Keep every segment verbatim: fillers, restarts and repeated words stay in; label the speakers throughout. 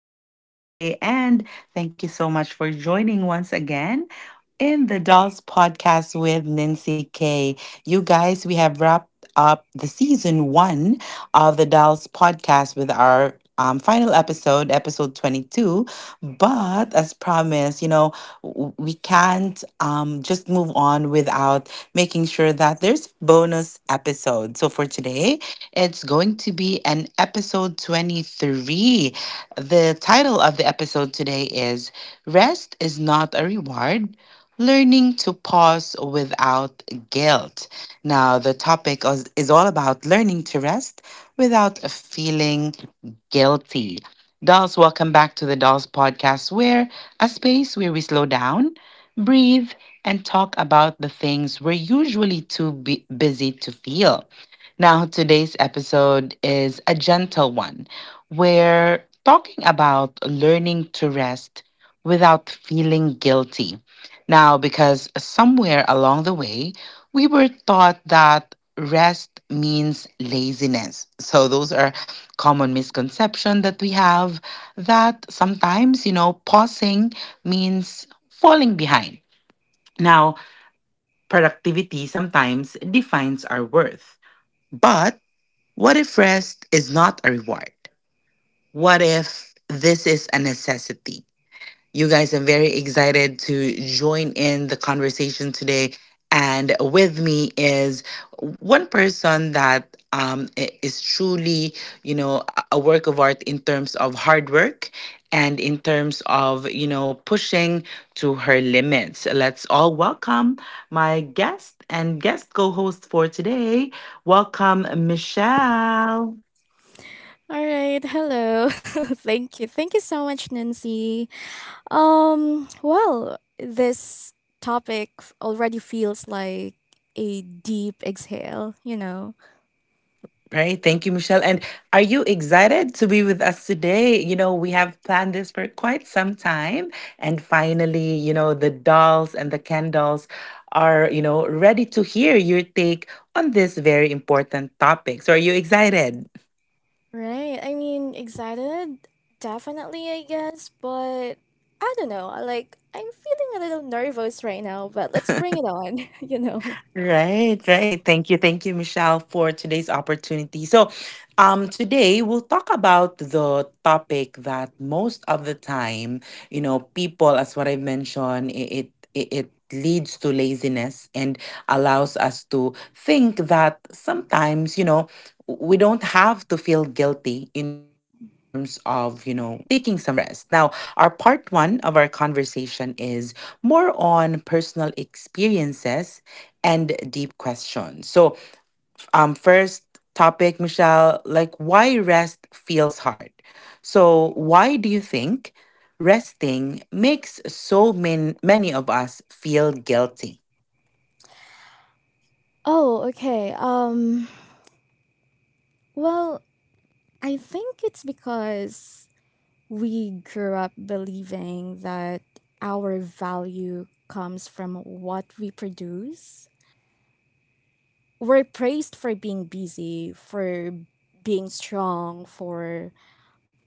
Speaker 1: Good day. And thank you so much for joining once again in the Dolls Podcast with Nancy K. You guys, we have wrapped up the season one of the Dolls Podcast with our um, final episode, episode twenty-two. But as promised, you know, w- we can't um, just move on without making sure that there's bonus episode. So for today, it's going to be an episode twenty-three. The title of the episode today is Rest is Not a Reward. Learning to pause without guilt. Now, the topic is is all about learning to rest without feeling guilty. Dolls, welcome back to the Dolls Podcast, where a space where we slow down, breathe, and talk about the things we're usually too bu- busy to feel. Now, today's episode is a gentle one. We're talking about learning to rest without feeling guilty. Now, because somewhere along the way, we were taught that rest means laziness. So, those are common misconceptions that we have that sometimes, you know, pausing means falling behind. Now, productivity sometimes defines our worth. But. What if rest is not a reward? What if this is a necessity? You guys, I'm very excited to join in the conversation today. And with me is one person that um, i- is truly, you know, a a work of art in terms of hard work and in terms of, you know, pushing to her limits. Let's all welcome my guest and guest co host for today. Welcome, Michelle.
Speaker 2: All right, hello. Thank you. Thank you so much, Nancy. Um, well, this topic f- already feels like a deep exhale, you know.
Speaker 1: Right. Thank you, Michelle. And are you excited to be with us today? You know, we have planned this for quite some time. And finally, you know, the dolls and the candles are, you know, ready to hear your take on this very important topic. So are you excited?
Speaker 2: Right. I mean, excited? Definitely, I guess, but I don't know. I Like, I'm feeling a little nervous right now, but let's bring it on, you know.
Speaker 1: Right, right. Thank you. Thank you, Michelle, for today's opportunity. So, um, today we'll talk about the topic that most of the time, you know, people, as what I mentioned, it it, it leads to laziness and allows us to think that sometimes, you know, we don't have to feel guilty in terms of, you know, taking some rest. Now, our part one of our conversation is more on personal experiences and deep question. So, um, first topic, Michelle, like why rest feels hard. So, why do you think resting makes so many many of us feel guilty?
Speaker 2: Oh, okay. Um, well, I think it's because we grew up believing that our value comes from what we produce. We're praised for being busy, for being strong, for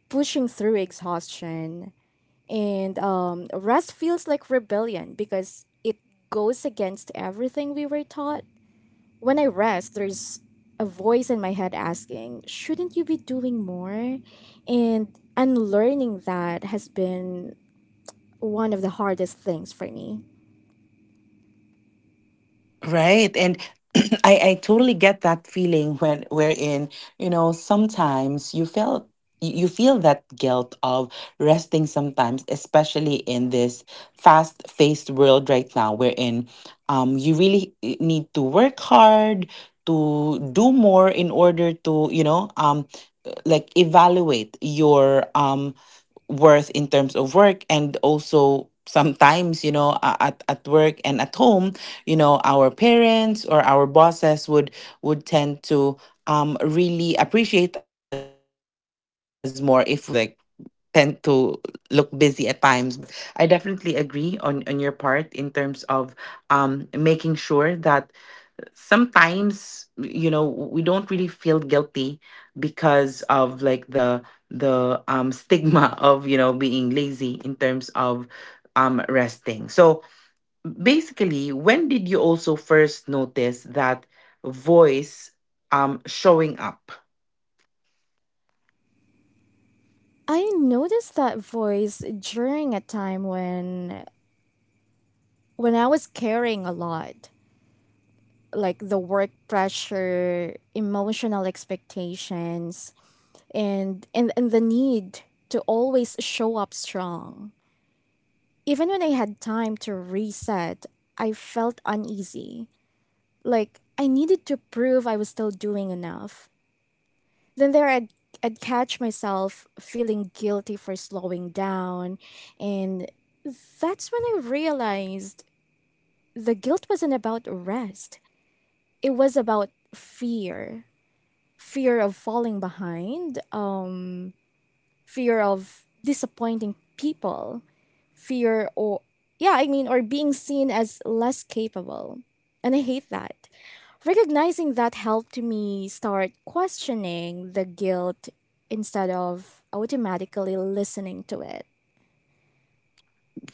Speaker 2: pushing through exhaustion. And um, rest feels like rebellion because it goes against everything we were taught. When I rest, there's a voice in my head asking, shouldn't you be doing more? And unlearning that has been one of the hardest things for me.
Speaker 1: Right. And I, I totally get that feeling when wherein, you know, sometimes you felt you you feel that guilt of resting sometimes, especially in this fast-paced world right now, wherein um you really eh, need to work hard to do more in order to, you know, um like evaluate your um worth in terms of work, and also sometimes, you know, a- at, at work and at home, you know, our parents or our bosses would would tend to um really appreciate us more if we like tend to look busy at times. But I definitely agree on on your part in terms of um making sure that sometimes, you know, we don't really feel guilty because of like the the um stigma of, you know, being lazy in terms of um resting. So basically, when did you also first notice that voice um showing up?
Speaker 2: I noticed that voice during a time when when I was carrying a lot, like the work pressure, emotional expectations, and and, and the need to always show up strong. Even when I had time to reset, I felt uneasy. Like I needed to prove I was still doing enough. Then there I'd, I'd catch myself feeling guilty for slowing down. And that's when I realized the guilt wasn't about rest, it was about fear fear of falling behind, um, fear of disappointing people, fear or, yeah, I mean, or being seen as less capable. And I hate that. Recognizing that helped me start questioning the guilt instead of automatically listening to it.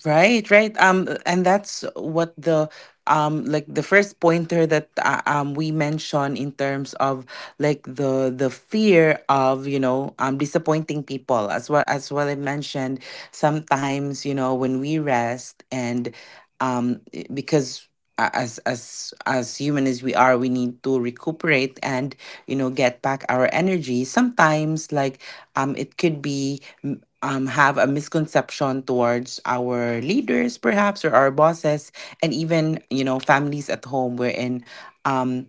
Speaker 1: Right, right. Um, and that's what the um like the first pointer that uh, um we mentioned in terms of like the the fear of, you know, um disappointing people, as well as what I mentioned. Sometimes, you know, when we rest and um i- because a- as as as human as we are, we need to recuperate and, you know, get back our energy sometimes. Like um it could be um, have a misconception towards our leaders perhaps, or our bosses, and even, you know, families at home, wherein um,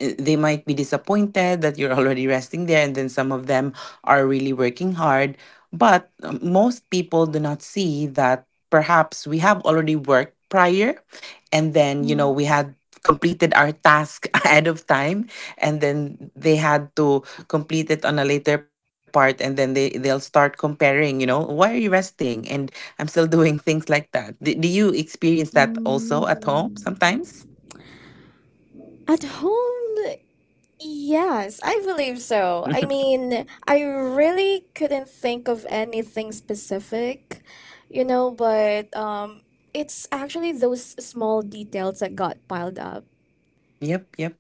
Speaker 1: uh, they might be disappointed that you're already resting there, and then some of them are really working hard. But um, most people do not see that perhaps we have already worked prior, and then, you know,
Speaker 2: Mm.
Speaker 1: we had completed our task ahead of time, and then they had to complete it on a later part, and then they they'll start comparing, you know, why are you resting and I'm still doing things like that. Do, do you experience that also at home
Speaker 2: Mm.
Speaker 1: sometimes?
Speaker 2: At home, yes, I believe so. I mean, I really couldn't think of anything specific, you know, but um, it's actually those small details that got piled up
Speaker 1: yep yep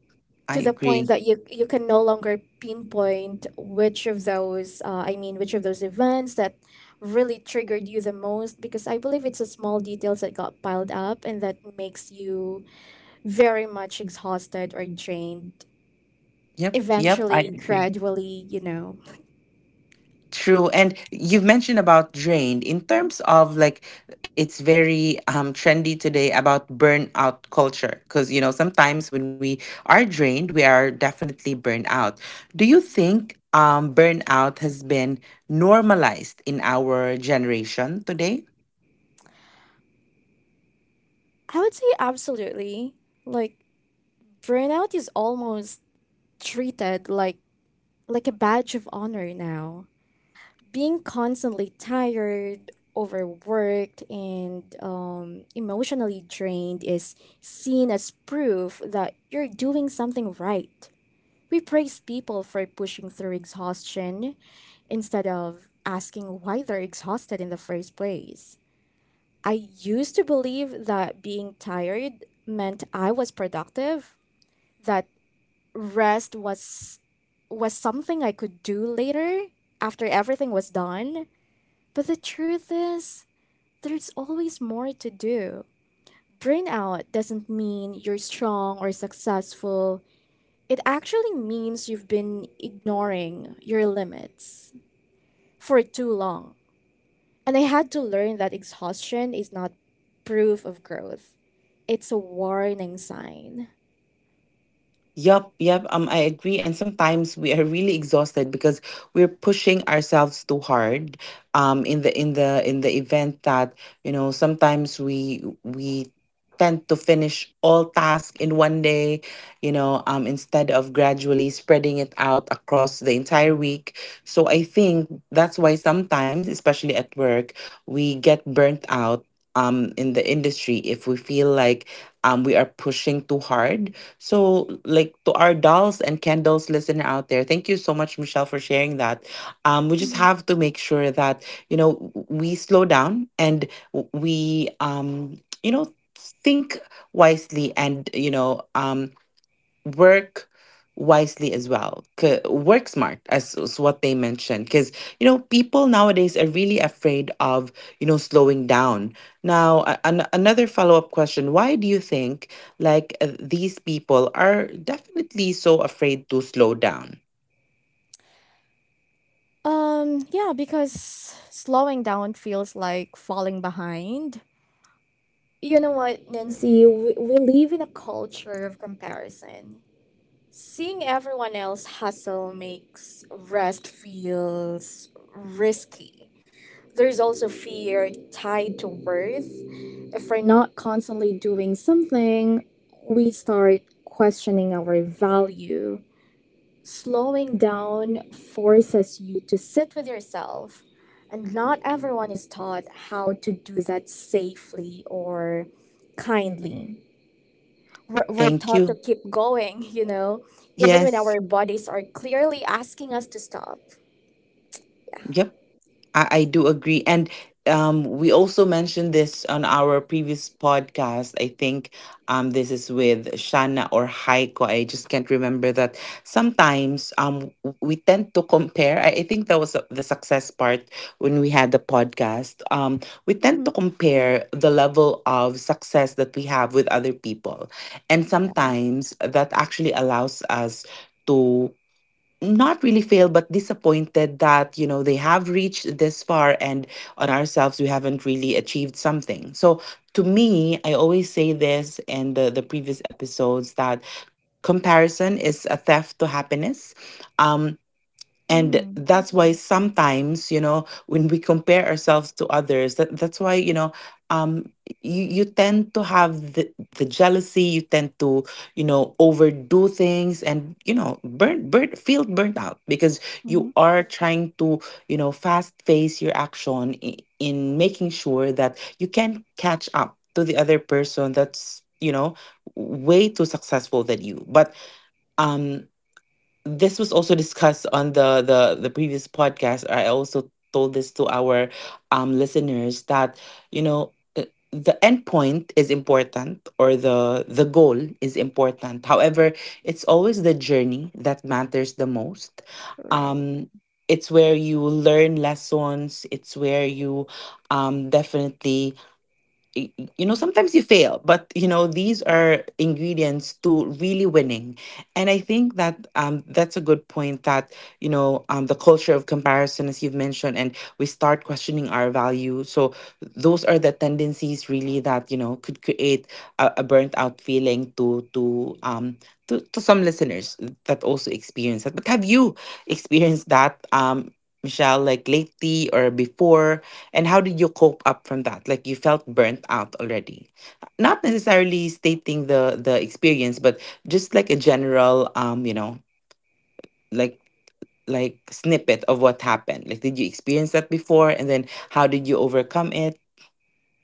Speaker 1: I
Speaker 2: to the point
Speaker 1: agree.
Speaker 2: that you you can no longer pinpoint which of those uh, I mean which of those events that really triggered you the most, because I believe it's the small details that got piled up and that makes you very much exhausted or drained
Speaker 1: Yep, yep, I
Speaker 2: eventually,
Speaker 1: agree.
Speaker 2: gradually you know
Speaker 1: True. And you've mentioned about drained in terms of like it's very um trendy today about burnout culture, because, you know, sometimes when we are drained, we are definitely burned out. Do you think um burnout has been normalized in our generation today?
Speaker 2: I would say absolutely, like burnout is almost treated like like a badge of honor now. Being constantly tired, overworked, and um, emotionally drained is seen as proof that you're doing something right. We praise people for pushing through exhaustion instead of asking why they're exhausted in the first place. I used to believe that being tired meant I was productive, that rest was was something I could do later, after everything was done. But the truth is, there's always more to do. Burnout doesn't mean you're strong or successful. It actually means you've been ignoring your limits for too long. And I had to learn that exhaustion is not proof of growth. It's a warning sign.
Speaker 1: Yup, yup. Um, I agree. And sometimes we are really exhausted because we're pushing ourselves too hard. Um, in the in the in the event that, you know, sometimes we we tend to finish all tasks in one day. You know, um, instead of gradually spreading it out across the entire week. So I think that's why sometimes, especially at work, we get burnt out. Um, in the industry, if we feel like um, we are pushing too hard. So, like, to our dolls and candles listener out there, thank you so much, Michelle, for sharing that. Um, we just
Speaker 2: Mhm.
Speaker 1: have to make sure that, you know, w- we slow down, and w- we um you know, think wisely, and, you know, um work wisely as well. C- work smart, as is what they mentioned, because, you know, people nowadays are really afraid of, you know, slowing down. Now, a- an- another follow up question: Why do you think? Like uh, these people are definitely so afraid to slow down.
Speaker 2: Um, yeah, because slowing down feels like falling behind. You know what, Nancy? We, we live in a culture of comparison. Seeing everyone else hustle makes rest feels risky. There's also fear tied to worth. If we're not constantly doing something, we start questioning our value. Slowing down forces you to sit with yourself, and not everyone is taught how to do that safely or kindly. We're, we're
Speaker 1: Thank
Speaker 2: taught to
Speaker 1: you.
Speaker 2: keep going, you know, even when
Speaker 1: Yes.
Speaker 2: our bodies are clearly asking us to stop.
Speaker 1: Yep. I, I do agree. And um, we also mentioned this on our previous podcast. I think um, this is with Shanna or Haiko. I just can't remember that. Sometimes um, w- we tend to compare. I, I think that was the success part when we had the podcast. Um, we tend
Speaker 2: Mm-hmm.
Speaker 1: to compare the level of success that we have with other people. And
Speaker 2: Yeah.
Speaker 1: sometimes that actually allows us to not really failed but disappointed that, you know, they have reached this far, and on ourselves we haven't really achieved something. So to me, I always say this in the, the previous episodes that comparison is a theft to happiness. Um, and
Speaker 2: Mm-hmm.
Speaker 1: that's why sometimes, you know, when we compare ourselves to others, that, that's why, you know, um you, you tend to have the, the jealousy, you tend to, you know, overdo things and, you know, burn burn feel burnt out because
Speaker 2: Mm-hmm.
Speaker 1: you are trying to, you know, fast face your action in, in making sure that you can catch up to the other person that's, you know, way too successful than you. But um this was also discussed on the the the previous podcast. I also told this to our um listeners that, you know, uh, the end point is important, or the the goal is important, however, it's always the journey that matters the most.
Speaker 2: Right.
Speaker 1: um it's where you learn lessons, it's where you um definitely y- you know, sometimes you fail, but you know these
Speaker 2: Mhm.
Speaker 1: are ingredients to really winning. And I think that um that's a good point that, you know, um the culture of comparison, as you've mentioned, and we start questioning our value. So those are the tendencies really that, you know, could create a, a burnt out feeling to to um to, to some listeners that also experience that. But have you experienced that, um Michelle, like lately or before, and how did you cope up from that? Like you felt burnt out already. Not necessarily stating the the experience, but just like a general um, you know, like like snippet of what happened. Like did you experience that before and then how did you overcome it?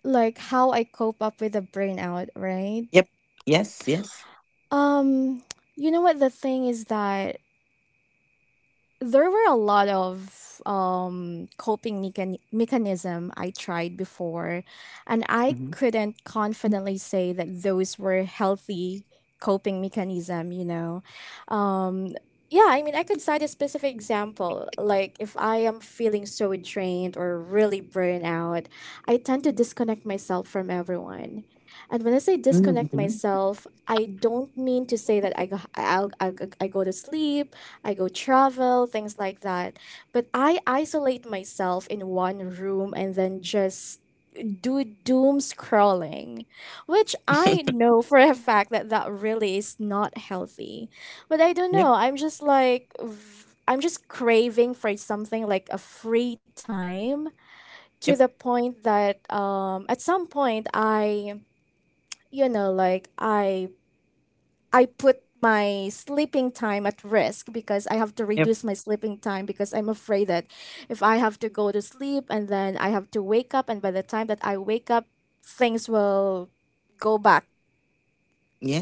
Speaker 2: Like how I cope up with the burnout, right?
Speaker 1: Yep. Yes, yes.
Speaker 2: Um, you know, what the thing is that there were a lot of um, coping mechan- mechanism I tried before, and I
Speaker 1: hmm
Speaker 2: couldn't confidently say that those were healthy coping mechanism. You know, um, yeah. I mean, I could cite a specific example. Like if I am feeling so drained or really burned out, I tend to disconnect myself from everyone. And when I say disconnect
Speaker 1: hmm
Speaker 2: myself, I don't mean to say that I go, I'll, I, I go to sleep, I go travel, things like that. But I isolate myself in one room and then just do doom scrolling, which I know for a fact that that really is not healthy. But I don't
Speaker 1: Yep,
Speaker 2: know. I'm just like, v- I'm just craving for something like a free time, to
Speaker 1: yep,
Speaker 2: the point that um, at some point I, you know, like I I put my sleeping time at risk because I have to
Speaker 1: yep.
Speaker 2: reduce my sleeping time, because I'm afraid that if I have to go to sleep and then I have to wake up, and by the time that I wake up things will go back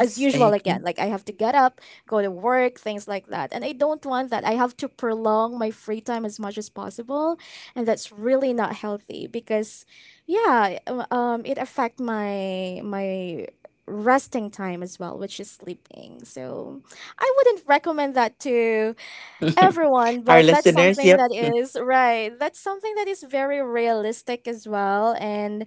Speaker 2: as
Speaker 1: I
Speaker 2: usual again.
Speaker 1: agree.
Speaker 2: Like I have to get up, go to work, things like that. And I don't want that. I have to prolong my free time as much as possible, and that's really not healthy because yeah, um um, it affect my my resting time as well, which is sleeping. So I wouldn't recommend that to everyone,
Speaker 1: Our
Speaker 2: but that's
Speaker 1: listeners,
Speaker 2: something
Speaker 1: yep.
Speaker 2: that is right, that's something that is very realistic as well. And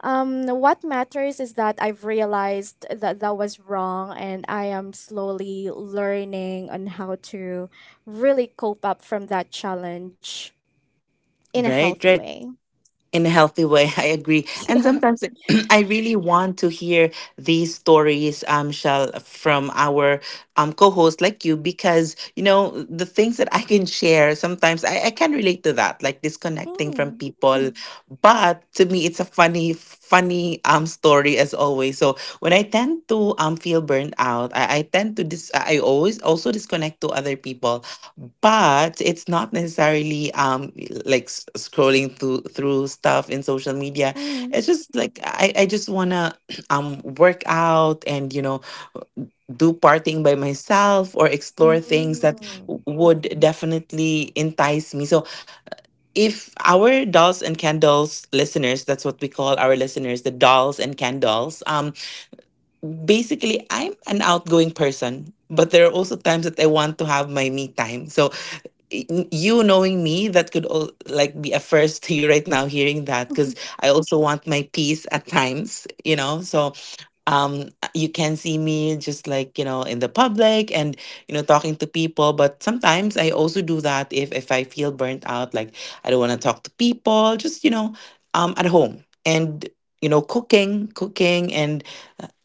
Speaker 2: um what matters is that I've realized that that was wrong, and I am slowly learning on how to really cope up from that challenge in a healthy
Speaker 1: Right,
Speaker 2: way.
Speaker 1: right. In a healthy way. I agree.
Speaker 2: Yeah.
Speaker 1: And sometimes it- I really want to hear these stories, um shall from our um co-host like you, because you know the things that I can share. Sometimes i, I can relate to that, like disconnecting from
Speaker 2: Mm,
Speaker 1: people, but to me it's a funny funny um story, as always. So when I tend to um feel burned out, i, I tend to dis- I always also disconnect to other people. But it's not necessarily um like s- scrolling through through stuff in social media.
Speaker 2: mm.
Speaker 1: It's just like i i just want to um work out, and, you know, do partying by myself or explore things that
Speaker 2: Mm.
Speaker 1: w- would definitely entice me. So if our dolls and candles listeners, that's what we call our listeners, the dolls and candles, um basically I'm an outgoing person, but there are also times that I want to have my me time. So you knowing me, that could all, like, be a first to you right now, hearing that, because I also want my peace at times, you know. So um you can see me, just like, you know, in the public and, you know, talking to people, but sometimes I also do that if if I feel burnt out, like I don't want to talk to people, just, you know, um at home and, you know, cooking cooking and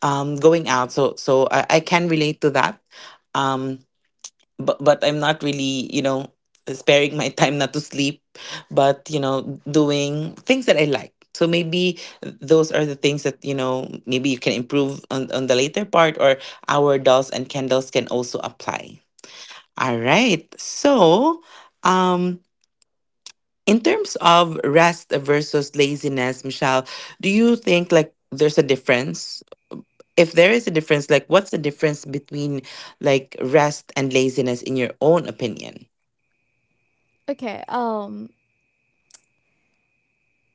Speaker 1: um going out. So so i, I can relate to that. um but but I'm not really, you know, sparing my time not to sleep, but, you know, doing things that I like. So maybe those are the things that, you know, maybe you can improve on, on the later part, or our dolls and candles can also apply. All right. So, um, in terms of rest versus laziness, Michelle, do you think, like, there's a difference? If there is a difference, like, what's the difference between, like, rest and laziness in your own opinion?
Speaker 2: okay um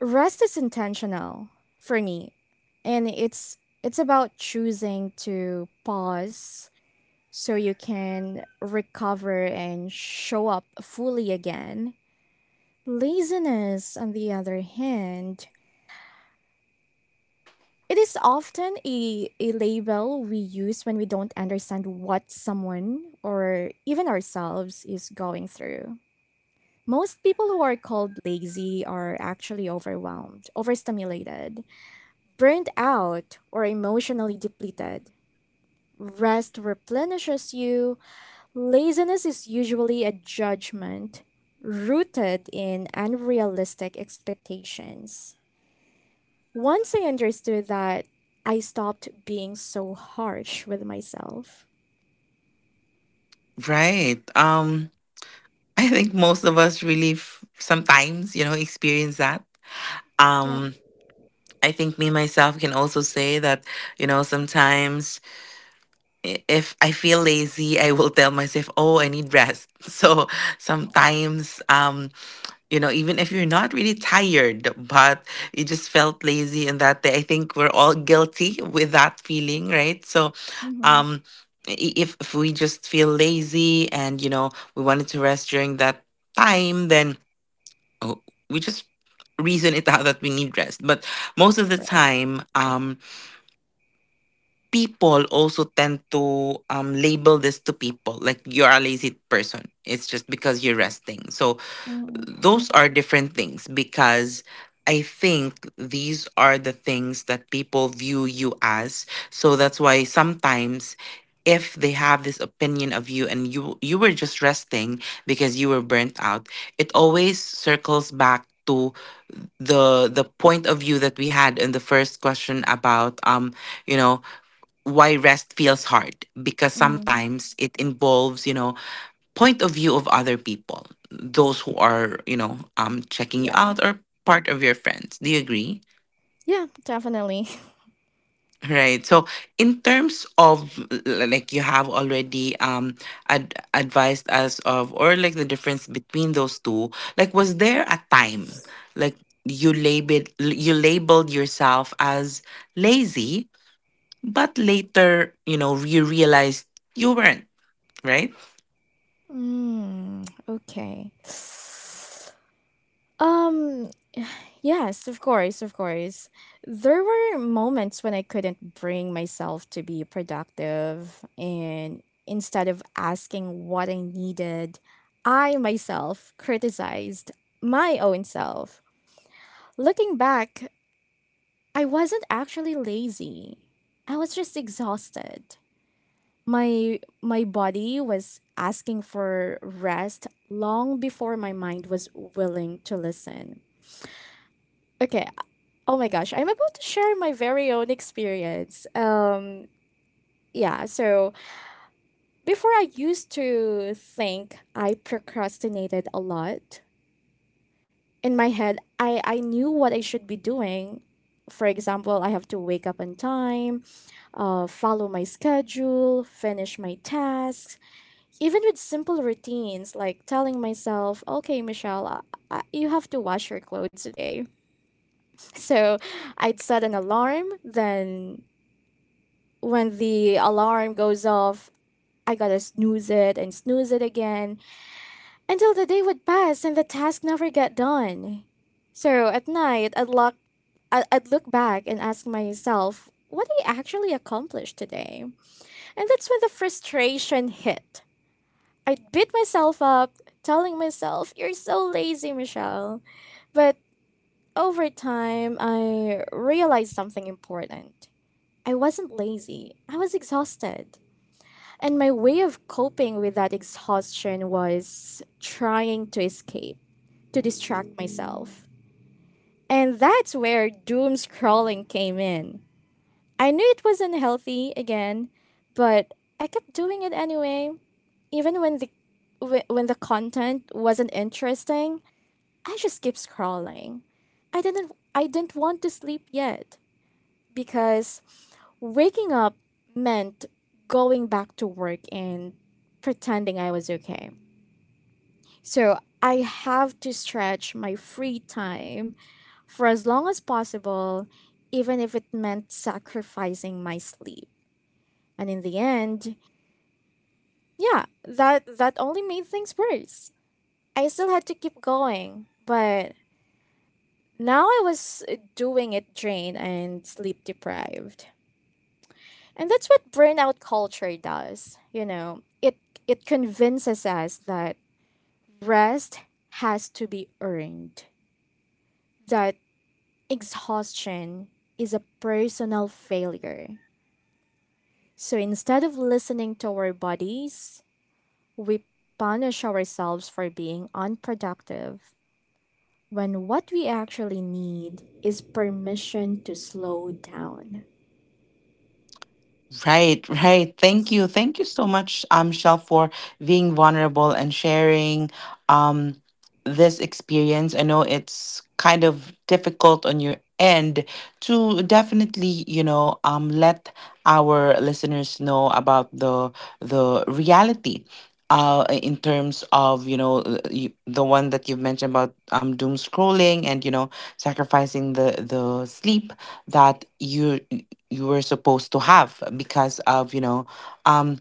Speaker 2: rest is intentional for me, and it's it's about choosing to pause so you can recover and show up fully again. Laziness, on the other hand, it is often a, a label we use when we don't understand what someone or even ourselves is going through. Most people who are called lazy are actually overwhelmed, overstimulated, burned out, or emotionally depleted. Rest replenishes you. Laziness is usually a judgment rooted in unrealistic expectations. Once I understood that, I stopped being so harsh with myself.
Speaker 1: Right. Um, I think most of us really f- sometimes, you know, experience that.
Speaker 2: Yeah.
Speaker 1: Um, I think me myself can also say that, you know, sometimes, i- if I feel lazy, I will tell myself, "Oh, I need rest." So sometimes, um, you know, even if you're not really tired, but you just felt lazy in that day, I think we're all guilty with that feeling, right? So
Speaker 2: Hmm.
Speaker 1: um i- if if we just feel lazy, and, you know, we wanted to rest during that time, then, oh, we just reason it out that we need rest. But most of the
Speaker 2: Right.
Speaker 1: time, um people also tend to um label this to people, like, you're a lazy person, it's just because you're resting. So
Speaker 2: Hmm.
Speaker 1: those are different things, because I think these are the things that people view you as. So that's why sometimes, if they have this opinion of you, and you you were just resting because you were burnt out, it always circles back to the the point of view that we had in the first question about, um you know, why rest feels hard, because
Speaker 2: Hmm.
Speaker 1: sometimes it involves, you know, point of view of other people, those who are, you know, um, checking you
Speaker 2: Yeah.
Speaker 1: out or part of your friends. Do you agree?
Speaker 2: Yeah, definitely.
Speaker 1: Right. So, in terms of l- like you have already um ad- advised us of, or like the difference between those two, like, was there a time, like, you labeled you labeled yourself as lazy, but later, you know, you realized you weren't, right?
Speaker 2: Mm, okay. Um, yes, of course, of course. There were moments when I couldn't bring myself to be productive, and instead of asking what I needed, I myself criticized my own self. Looking back, I wasn't actually lazy. I was just exhausted. My my body was asking for rest long before my mind was willing to listen. Okay, oh my gosh, I'm about to share my very own experience. Um, yeah, so Before I used to think I procrastinated a lot. In my head, I, I knew what I should be doing. For example, I have to wake up on time, uh, follow my schedule, finish my tasks, even with simple routines like telling myself, okay, Michelle, uh, uh, you have to wash your clothes today. So I'd set an alarm, then when the alarm goes off, I gotta snooze it and snooze it again until the day would pass and the task never get done. So at night, I'd look, I- I'd look back and ask myself, what I actually accomplished today? And that's when the frustration hit. I'd beat myself up, telling myself, you're so lazy, Michelle. But over time, I realized something important. I wasn't lazy, I was exhausted. And my way of coping with that exhaustion was trying to escape, to distract myself. And that's where doom scrolling came in. I knew it was unhealthy again, but I kept doing it anyway. Even when the wh- when the content wasn't interesting, I just kept scrolling. I didn't I didn't want to sleep yet, because waking up meant going back to work and pretending I was okay. So I have to stretch my free time for as long as possible, even if it meant sacrificing my sleep. And in the end, yeah, that that only made things worse. I still had to keep going, but now I was uh, doing it drained and sleep deprived. And that's what burnout culture does, you know. It it convinces us that rest has to be earned, that exhaustion is a personal failure. So instead of listening to our bodies, we punish ourselves for being unproductive when what we actually need is permission to slow down.
Speaker 1: Right, right. Thank you. Thank you so much, um, Shel, for being vulnerable and sharing um this experience. I know it's kind of difficult on your end to definitely, you know, um let our listeners know about the the reality, uh in terms of, you know, uh, you- the one that you've mentioned about, um doom scrolling, and, you know, sacrificing the the sleep that you you were supposed to have because of, you know, um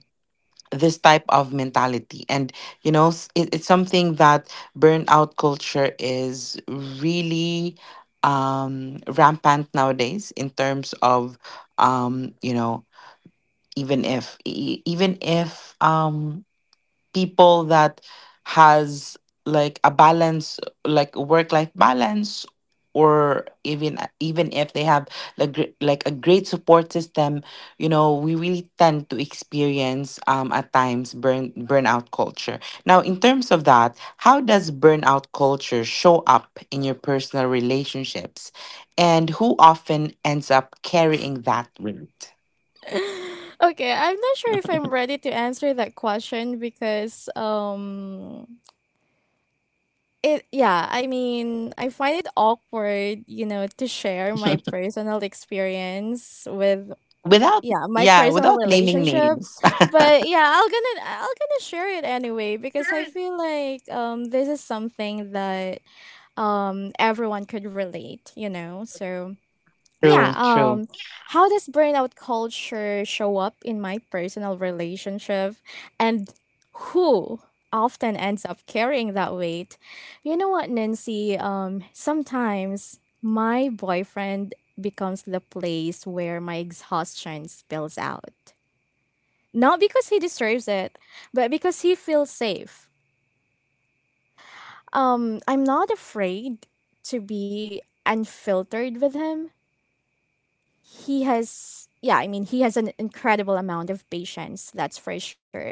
Speaker 1: this type of mentality. And, you know, s- it, it's something that burnout culture is really, um rampant nowadays in terms of, um you know, even if e- even if um people that has like a balance, like work life balance, or even even if they have like gr- like a great support system, you know, we really tend to experience, um at times, burn burnout culture. Now, in terms of that, how does burnout culture show up in your personal relationships, and who often ends up carrying that weight?
Speaker 2: Okay, I'm not sure if I'm ready to answer that question because um it, yeah, I mean, I find it awkward, you know, to share my personal experience with,
Speaker 1: Without,
Speaker 2: yeah, my
Speaker 1: yeah,
Speaker 2: personal
Speaker 1: without naming
Speaker 2: relationship.
Speaker 1: names.
Speaker 2: But yeah, i'll gonna i'll gonna share it anyway, because I feel like um this is something that um everyone could relate, you know. So yeah,
Speaker 1: True,
Speaker 2: um
Speaker 1: true.
Speaker 2: how does burnout culture show up in my personal relationship, and who often ends up carrying that weight? You know what, Nancy, um sometimes my boyfriend becomes the place where my exhaustion spills out, not because he deserves it, but because he feels safe. um I'm not afraid to be unfiltered with him. He has yeah I mean He has an incredible amount of patience, that's for sure.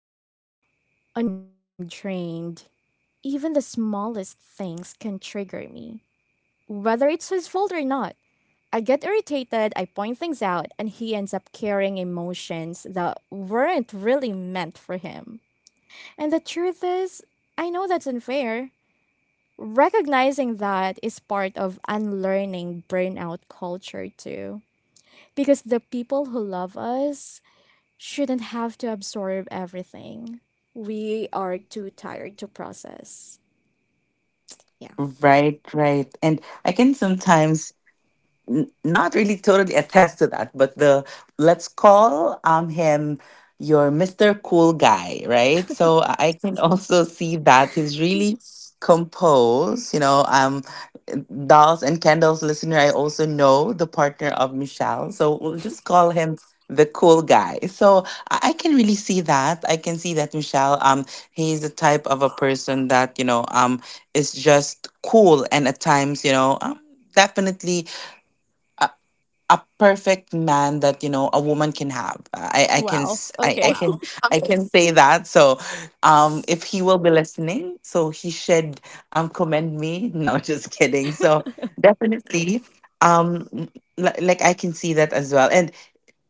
Speaker 2: On days when I'm drained, even the smallest things can trigger me, whether it's his fault or not. I get irritated, I point things out, and he ends up carrying emotions that weren't really meant for him. And the truth is, I know that's unfair. Recognizing that is part of unlearning burnout culture too. Because the people who love us shouldn't have to absorb everything we are too tired to process. Yeah.
Speaker 1: Right, right. And I can sometimes n- not really totally attest to that, but the, let's call um him your mister Cool guy, right? So I I can also see that he's really composed, you know. um Dolls and Kendall's listener, I also know the partner of Michelle, so we'll just call him the cool guy. So I I can really see that. I can see that, Michelle, um, he's the type of a person that, you know, um, is just cool, and at times, you know, um, definitely a perfect man that, you know, a woman can have. I i can
Speaker 2: Wow.
Speaker 1: s- i, I
Speaker 2: Okay.
Speaker 1: can Wow. I Okay, can say that. So, um if he will be listening, so he should um commend me, no, just kidding. So definitely, um like, like I can see that as well. And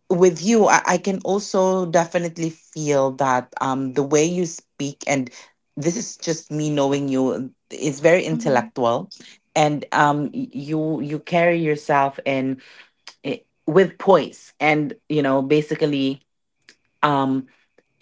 Speaker 1: with you, I, I can also definitely feel that, um the way you speak, and this is just me knowing you, is very
Speaker 2: Mhm.
Speaker 1: intellectual. And um y- you you carry yourself in, i- with poise, and, you know, basically, um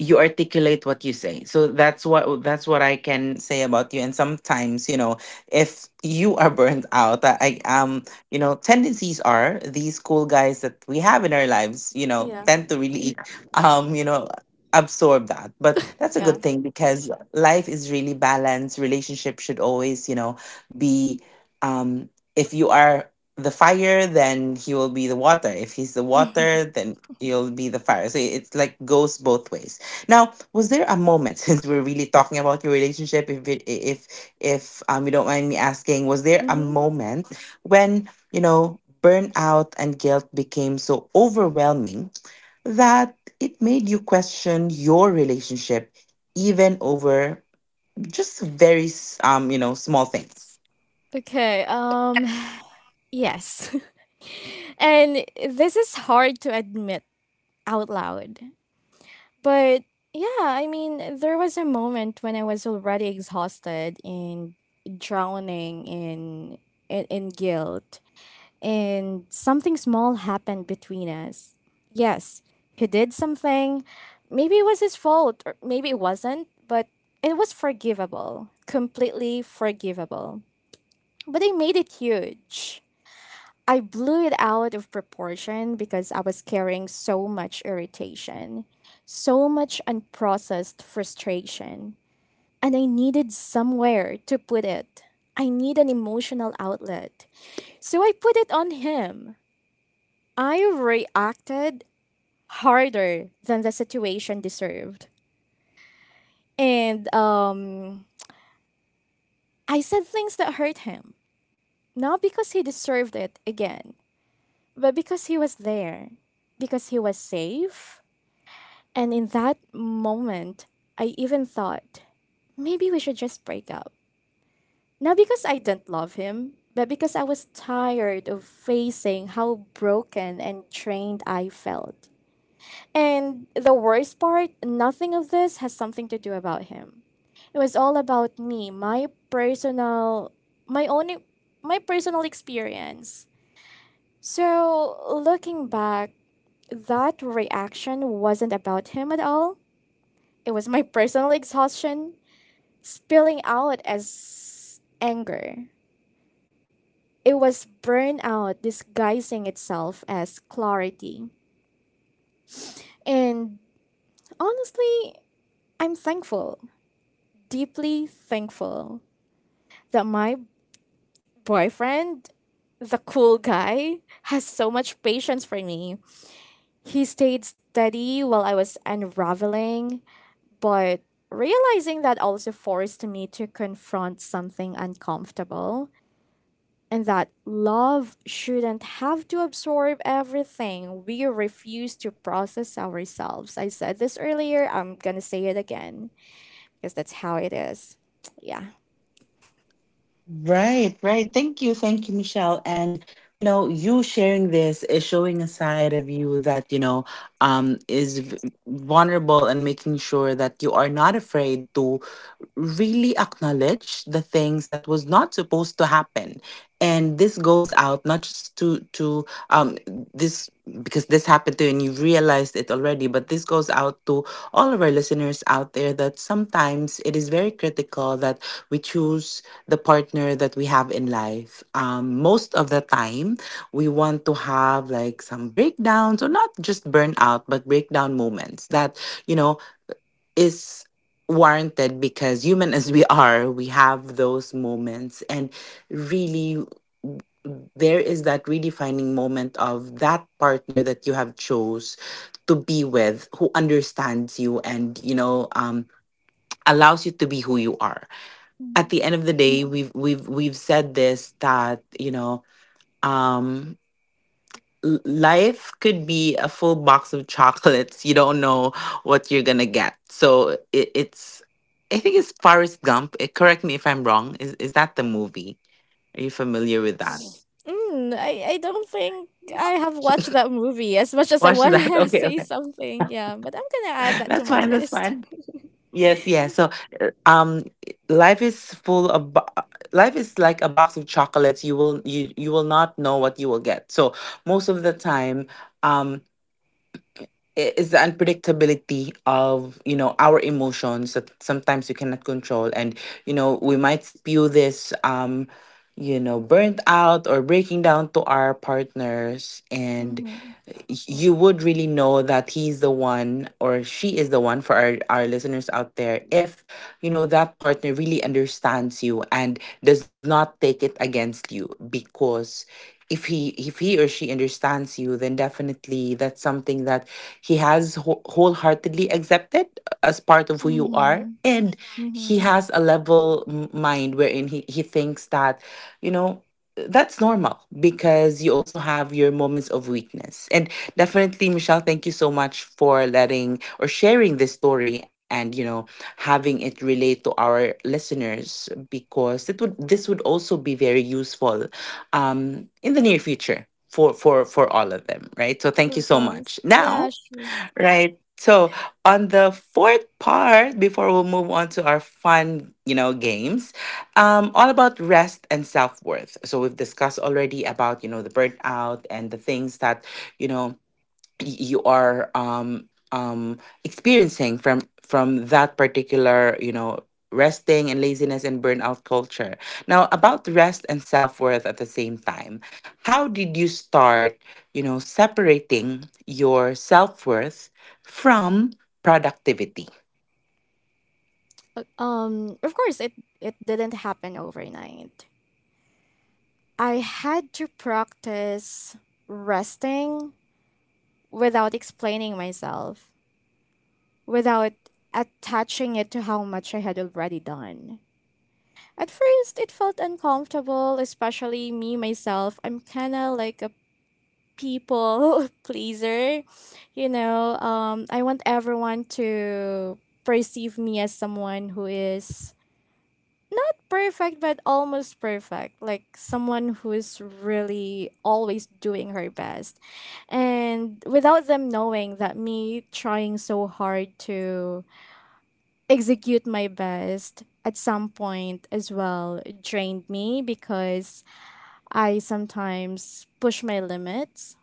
Speaker 1: you articulate what you say. So that's what that's what I can say about you. And sometimes, you know, if you are burnt out, i I, um you know, tendencies are these cool guys that we have in our lives, you know,
Speaker 2: Yeah.
Speaker 1: tend to really, um you know, absorb that. But that's a
Speaker 2: Yeah.
Speaker 1: good thing, because yeah, life is really balanced. Relationship should always, you know, be, um if you are the fire, then he will be the water. If he's the water, then you'll be the fire. So it's, like, goes both ways. Now, was there a moment, since we're really talking about your relationship? If it, if if um you don't mind me asking, was there a
Speaker 2: Mhm.
Speaker 1: moment when, you know, burnout and guilt became so overwhelming that it made you question your relationship, even over just very s- um you know, small things?
Speaker 2: Okay. Um yes. and this is hard to admit out loud. But yeah, I mean, there was a moment when I was already exhausted and drowning in in, in guilt, and something small happened between us. Yes, he did something. Maybe it was his fault, or maybe it wasn't, but it was forgivable. Completely forgivable. But I made it huge. I blew it out of proportion because I was carrying so much irritation, so much unprocessed frustration, and I needed somewhere to put it. I need an emotional outlet. So I put it on him. I reacted harder than the situation deserved. And um, I said things that hurt him, not because he deserved it again, but because he was there, because he was safe. And in that moment, I even thought, maybe we should just break up. Not because I didn't love him, but because I was tired of facing how broken and trained I felt. And the worst part, nothing of this has something to do about him. It was all about me, my personal my own my personal experience. So, looking back, that reaction wasn't about him at all. It was my personal exhaustion spilling out as anger. It was burnout disguising itself as clarity. And honestly, I'm thankful, deeply thankful that my boyfriend, the cool guy, has so much patience for me. He stayed steady while I was unraveling, but realizing that also forced me to confront something uncomfortable, and that love shouldn't have to absorb everything we refuse to process ourselves. I said this earlier, I'm gonna say it again because that's how it is. Yeah.
Speaker 1: Right, right. Thank you. Thank you, Michelle. And, you know, you sharing this is showing a side of you that, you know, um, is v- vulnerable, and making sure that you are not afraid to really acknowledge the things that was not supposed to happen. And this goes out, not just to to um this, because this happened to you and you realized it already, but this goes out to all of our listeners out there, that sometimes it is very critical that we choose the partner that we have in life. Um most of the time, we want to have like some breakdowns, or not just burnout, but breakdown moments that, you know, is warranted, because human as we are, we have those moments. And really, there is that redefining moment of that partner that you have chose to be with, who understands you, and, you know, um, allows you to be who you are. At the end of the day, we've we've we've said this, that, you know, um, l- life could be a full box of chocolates. You don't know what you're gonna get. So it, it's, I think it's Forrest Gump. Eh, correct me if I'm wrong. Is is that the movie? Are you familiar with that?
Speaker 2: Mm, I, I don't think I have watched that movie as much as I
Speaker 1: Watch
Speaker 2: want
Speaker 1: that.
Speaker 2: to
Speaker 1: Okay,
Speaker 2: say
Speaker 1: okay.
Speaker 2: something. Yeah, but I'm going to add that to
Speaker 1: That's
Speaker 2: my
Speaker 1: fine. That's
Speaker 2: list.
Speaker 1: fine. Yes, yes. So, uh, um, life is full of bo- uh, life is like a box of chocolates. You will you you will not know what you will get. So most of the time, um. i- is the unpredictability of, you know, our emotions that sometimes we cannot control. And, you know, we might spew this, um you know, burnt out or breaking down to our partners. And
Speaker 2: Mm-hmm.
Speaker 1: y- you would really know that he's the one, or she is the one for our, our listeners out there, if you know that partner really understands you and does not take it against you. Because if he, if he or she understands you, then definitely that's something that he has whole- wholeheartedly accepted, uh, as part of who you
Speaker 2: Mm-hmm.
Speaker 1: are. And he
Speaker 2: Mm-hmm.
Speaker 1: has a level m- mind, wherein he, he thinks that, you know, that's normal, because you also have your moments of weakness. And definitely, Michelle, thank you so much for letting or sharing this story, and, you know, having it relate to our listeners, because it would this would also be very useful, um, in the near future for for for all of them, right? So thank you
Speaker 2: Of
Speaker 1: so much.
Speaker 2: course. Yeah,
Speaker 1: Now,
Speaker 2: sure.
Speaker 1: right? So, on the fourth part, before we'll move on to our fun, you know, games, um, all about rest and self worth. So we've discussed already about you know the burnout and the things that you know you are um um experiencing from from that particular you know resting and laziness and burnout culture. Now, about rest and self-worth at the same time, how did you start, you know separating your self-worth from productivity?
Speaker 2: Uh, Um, of course, it, it didn't happen overnight. I had to practice resting without explaining myself, without attaching it to how much I had already done. At first, it felt uncomfortable, especially me myself. I'm kind of like a people pleaser. You know, um, I want everyone to perceive me as someone who is not perfect, but almost perfect. Like someone who is really always doing her best. And without them knowing that me trying so hard to execute my best at some point as well drained me because I sometimes push my limits.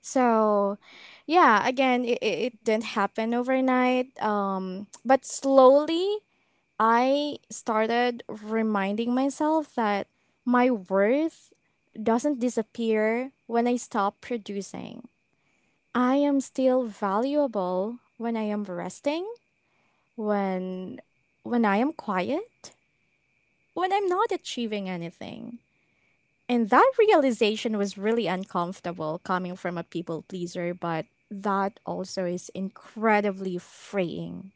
Speaker 2: So, yeah, again, it, it didn't happen overnight. Um, but slowly, I started reminding myself that my worth doesn't disappear when I stop producing. I am still valuable when I am resting, when when I am quiet, when I'm not achieving anything. And that realization was really uncomfortable coming from a people pleaser, but that also is incredibly freeing.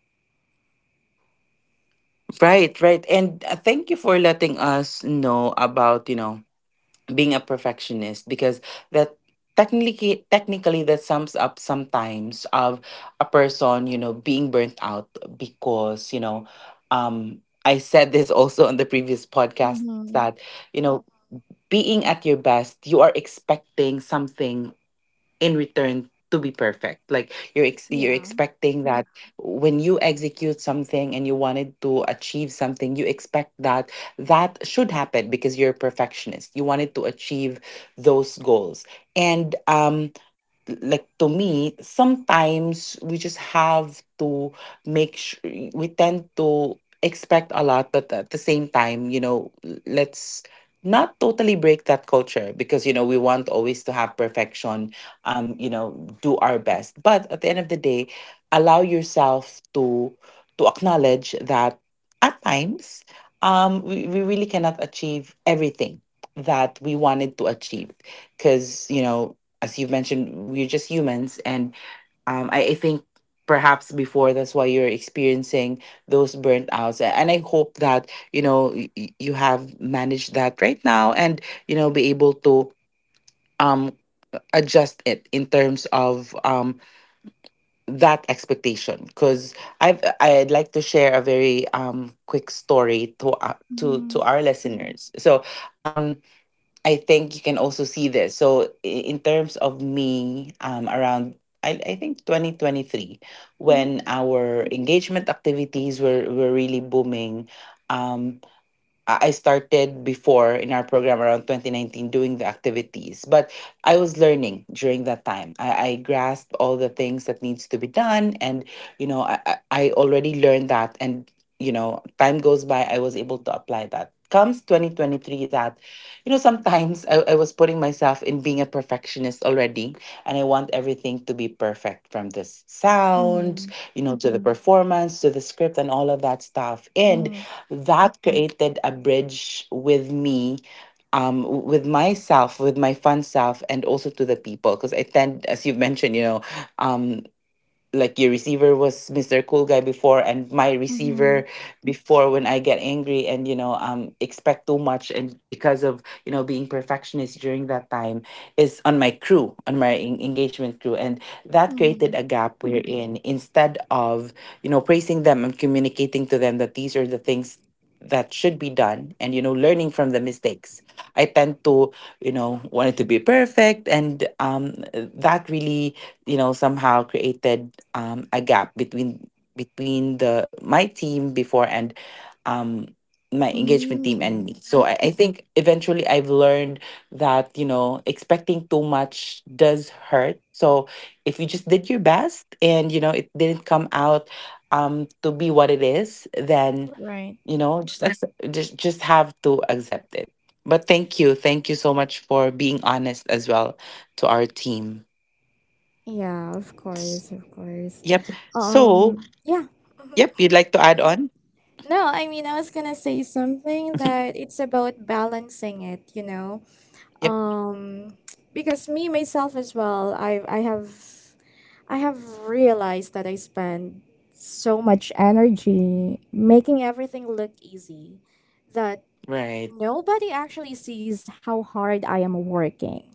Speaker 1: Right, right. And uh, thank you for letting us know about, you know being a perfectionist, because that, technically technically that sums up sometimes of a person, you know being burnt out. Because you know um I said this also on the previous podcast that,
Speaker 2: Mm-hmm.
Speaker 1: you know being at your best you are expecting something in return to be perfect. Like you're ex- you're
Speaker 2: Yeah.
Speaker 1: expecting that when you execute something and you wanted to achieve something, you expect that that should happen. Because you're a perfectionist, you wanted to achieve those goals. And um like to me, sometimes we just have to make sure. We tend to expect a lot, but at the same time, you know l- let's not totally break that culture, because you know we want always to have perfection, um you know do our best. But at the end of the day, allow yourself to to acknowledge that at times, um we, we really cannot achieve everything that we wanted to achieve. Because you know as you've mentioned, we're just humans. And um, I, I think perhaps before, that's why you're experiencing those burnouts. A- And I hope that, you know, y- y- you have managed that right now, and, you know, be able to um, adjust it in terms of um, that expectation. Because I've, I'd like to share a very um, quick story to, uh, to, to
Speaker 2: Mm-hmm.
Speaker 1: our listeners. So, um, I think you can also see this. So i- in terms of me, um, around I, I think twenty twenty-three,
Speaker 2: Mm-hmm.
Speaker 1: when our engagement activities were, were really booming, um, I I started before in our program around twenty nineteen doing the activities, but I was learning during that time. I, I grasped all the things that needs to be done, and you know, I, I I already learned that. And you know, time goes by, I was able to apply that. Comes twenty twenty-three, that you know, sometimes I, I was putting myself in being a perfectionist already, and I want everything to be perfect, from the sound,
Speaker 2: Mm-hmm.
Speaker 1: you know, to the Mhm. performance, to the script, and all of that stuff. And
Speaker 2: Mm-hmm.
Speaker 1: that created a bridge with me um w- with myself, with my fun self, and also to the people. Because I tend, as you've mentioned, you know um, like your receiver was mister Cool Guy before, and my
Speaker 2: Mm-hmm.
Speaker 1: receiver before, when I get angry and you know um expect too much, and because of you know being perfectionist during that time, is on my crew, on my en- engagement crew. And that created
Speaker 2: Mm-hmm.
Speaker 1: a gap, wherein instead of you know praising them and communicating to them that these are the things that should be done, and you know learning from the mistakes, I tend to you know want it to be perfect. And um that really you know somehow created um, a gap between between the my team before, and um, my engagement team and
Speaker 2: Mm.
Speaker 1: me. So I, I think eventually I've learned that you know expecting too much does hurt. So if you just did your best, and you know it didn't come out um, to be what it is, then
Speaker 2: Right.
Speaker 1: you know just accept, just just have to accept it. But thank you thank you so much for being honest as well to our team.
Speaker 2: Yeah, of course, of course.
Speaker 1: Yep. So,
Speaker 2: Um, yeah. Mhm.
Speaker 1: yep, you'd like to add on?
Speaker 2: No, I mean, I was gonna say something that it's about balancing it, you know?
Speaker 1: Yep.
Speaker 2: um because me myself as well i i have I have realized that I spend so much energy making everything look easy, that
Speaker 1: Right.
Speaker 2: nobody actually sees how hard I am working.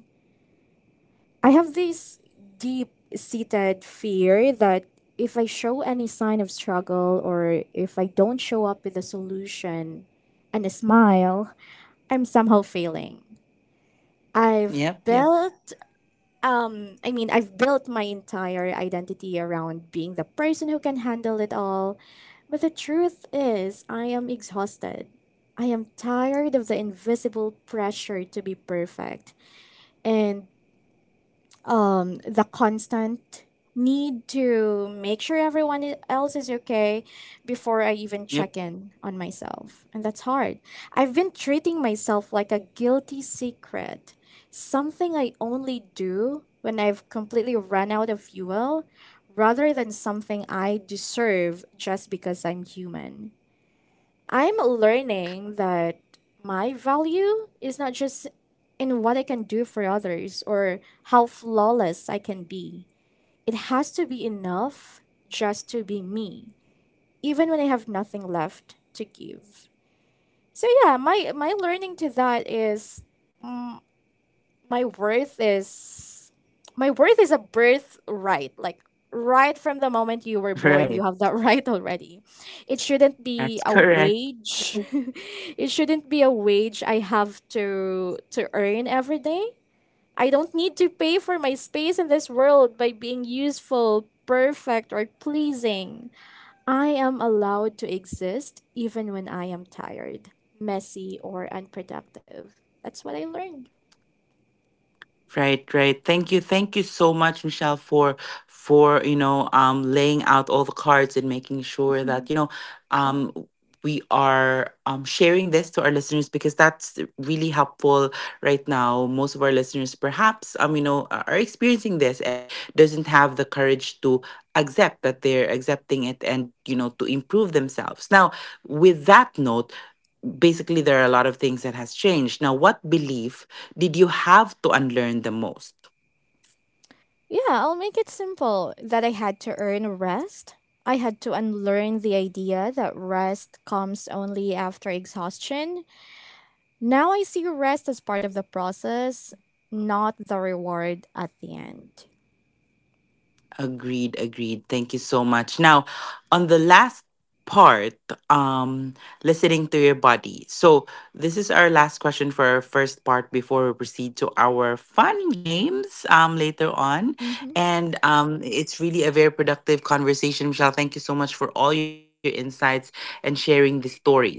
Speaker 2: I have this deep seated fear that if I show any sign of struggle, or if I don't show up with a solution and a smile, I'm somehow failing. I've
Speaker 1: Yep, yep,
Speaker 2: built um i mean i've built my entire identity around being the person who can handle it all, but the truth is I am exhausted. I am tired of the invisible pressure to be perfect, and um, the constant need to make sure everyone i- else is okay before I even
Speaker 1: yep.
Speaker 2: check in on myself. And that's hard. I've been treating myself like a guilty secret, something I only do when I've completely run out of fuel rather than something I deserve just because I'm human. I'm learning that my value is not just in what I can do for others, or how flawless I can be. It has to be enough just to be me, even when I have nothing left to give. So yeah, my my learning to that is mm my worth is my worth is a birthright. Like right from the moment you were born, you
Speaker 1: Right.
Speaker 2: have that right already. It shouldn't be
Speaker 1: That's
Speaker 2: a
Speaker 1: correct.
Speaker 2: wage. it shouldn't be a wage I have to to earn every day. I don't need to pay for my space in this world by being useful, perfect, or pleasing. I am allowed to exist even when I am tired, messy, or unproductive. That's what I learned.
Speaker 1: Right, right. Thank you. Thank you so much, Michelle, for for, you know, um laying out all the cards and making sure that, you know, um we are um sharing this to our listeners, because that's really helpful right now. Most of our listeners perhaps um, you know, are are experiencing this, and doesn't have the courage to accept that they're accepting it, and, you know, to improve themselves. Now, with that note, basically there are a lot of things that has changed now. What belief did you have to unlearn the most?
Speaker 2: Yeah, I'll make it simple that I had to earn rest. I had to unlearn the idea that rest comes only after exhaustion. Now I see rest as part of the process, not the reward at the end.
Speaker 1: Agreed, agreed. Thank you so much. Now, on the last part, um listening to your body. So this is our last question for our first part, before we proceed to our fun games um later on.
Speaker 2: Hmm.
Speaker 1: And um it's really a very productive conversation, Michelle. Thank you so much for all your insights and sharing these stories. Now,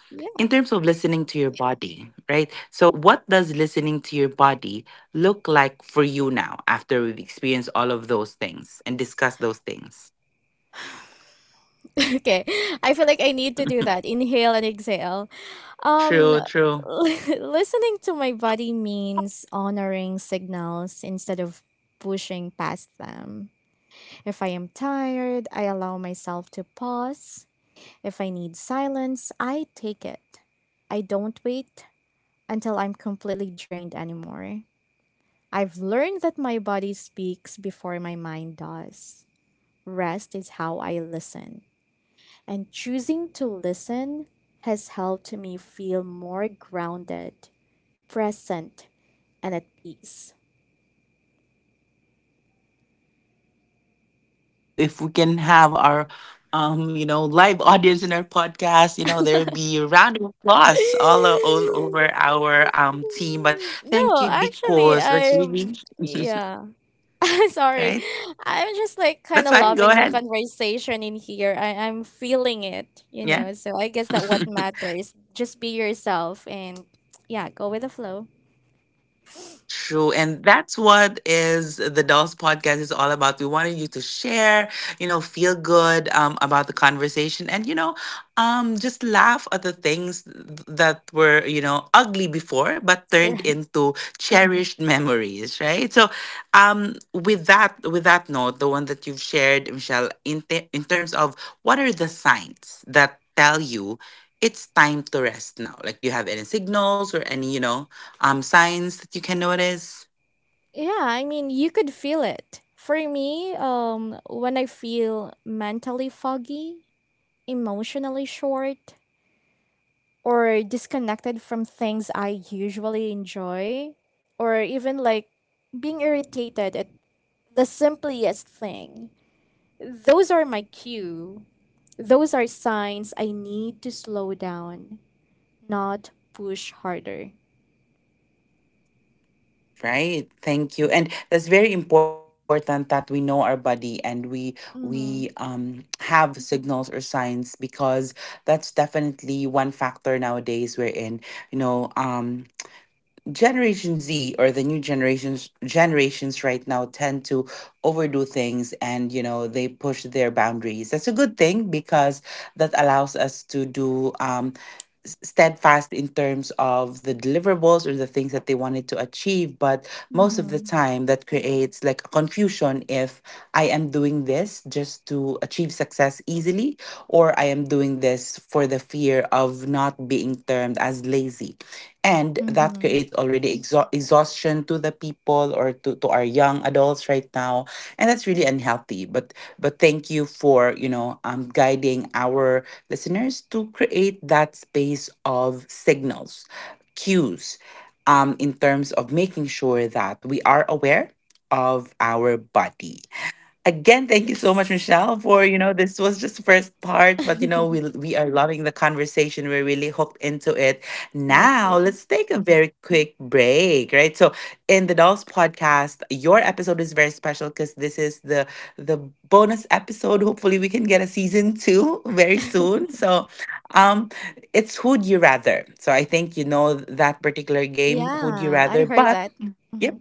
Speaker 1: in terms
Speaker 2: Yeah.
Speaker 1: of listening to your body, right? So, what does listening to your body look like for you now, after we've experienced all of those things and discussed those things?
Speaker 2: okay. I feel like I need to do that. Inhale and exhale. Um,
Speaker 1: True, true.
Speaker 2: listening to my body means honoring signals instead of pushing past them. If I am tired, I allow myself to pause. If I need silence, I take it. I don't wait until I'm completely drained anymore. I've learned that my body speaks before my mind does. Rest is how I listen. And choosing to listen has helped me feel more grounded, present, and at peace.
Speaker 1: Right, right. Thank you, thank you. If we can have our um, you know, live audience in our podcast, you know, there'll be a round of applause all, o- all over our um team. But thank
Speaker 2: no,
Speaker 1: you,
Speaker 2: actually,
Speaker 1: because that's really
Speaker 2: I'm yeah. Sorry.
Speaker 1: right.
Speaker 2: I'm just like kind
Speaker 1: That's
Speaker 2: of
Speaker 1: fine. Go
Speaker 2: loving the
Speaker 1: ahead.
Speaker 2: conversation in here. I, I'm feeling it, you
Speaker 1: Yeah.
Speaker 2: know. So I guess that what matters. Just be yourself and yeah, go with the flow.
Speaker 1: True. And that's what is the Dolls podcast is all about. We wanted you to share, you know, feel good um, about the conversation, and, you know, um, just laugh at the things that were, you know, ugly before, but turned
Speaker 2: Right.
Speaker 1: into cherished memories, right? So um, with that, with that note, the one that you've shared, Michelle, in, te- in terms of, what are the signs that tell you it's time to rest now? Like, do you have any signals or any, you know, um, signs that you can notice?
Speaker 2: Yeah, I mean, you could feel it. For me, um, when I feel mentally foggy, emotionally short, or disconnected from things I usually enjoy, or even like being irritated at the simplest thing, those are my cue. Those are signs I need to slow down, not push harder.
Speaker 1: Right, thank you. And that's very important, that we know our body, and we we
Speaker 2: Mm-hmm.
Speaker 1: um have signals or signs. Because that's definitely one factor nowadays wherein, you know um Generation Z, or the new generations generations right now tend to overdo things, and you know they push their boundaries. That's a good thing, because that allows us to do um, s- steadfast in terms of the deliverables or the things that they wanted to achieve. But most of the
Speaker 2: Mm-hmm.
Speaker 1: time, that creates like a confusion, if I am doing this just to achieve success easily, or I am doing this for the fear of not being termed as lazy. And that
Speaker 2: Mm-hmm.
Speaker 1: creates already exha- exhaustion to the people, or to, to our young adults right now. And that's really unhealthy. But but thank you for you know um, guiding our listeners to create that space of signals, cues, um, in terms of making sure that we are aware of our body. Again, thank you so much,
Speaker 2: Yes.
Speaker 1: Michelle, for you know this was just the first part, but you know we we are loving the conversation. We're really hooked into it.
Speaker 2: Me
Speaker 1: Now
Speaker 2: too.
Speaker 1: let's take a very quick break, right? So in the Dolls Podcast, your episode is very special, because this is the the bonus episode. Hopefully, we can get a season two very soon. So, um, it's Who'd You Rather. So I think you know that particular game, Who'd You
Speaker 2: Yeah,
Speaker 1: Rather,
Speaker 2: I heard
Speaker 1: but
Speaker 2: that. Mm-hmm.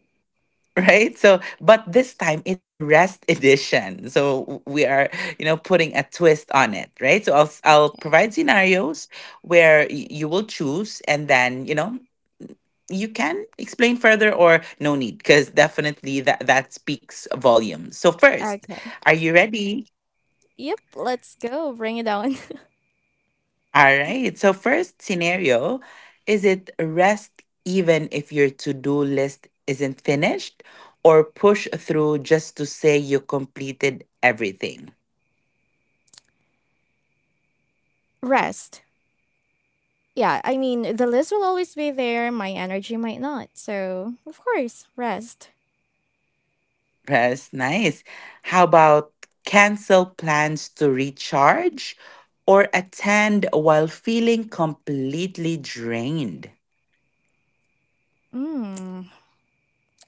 Speaker 1: right, so, but this time it's a rest edition. So we are, you know putting a twist on it, right? So I'll i i'll provide scenarios where y- you will choose, and then you know you can explain further, or no need, because definitely that that speaks volumes. So first,
Speaker 2: Okay.
Speaker 1: are you ready?
Speaker 2: Yep, let's go. Bring it on.
Speaker 1: All right. So, first scenario, is it rest even if your to do list isn't finished, or push through just to say you completed everything?
Speaker 2: Rest. Yeah, I mean, the list will always be there. My energy might not. So, of course, rest.
Speaker 1: That's nice. How about cancel plans to recharge, or attend while feeling completely drained?
Speaker 2: Mm.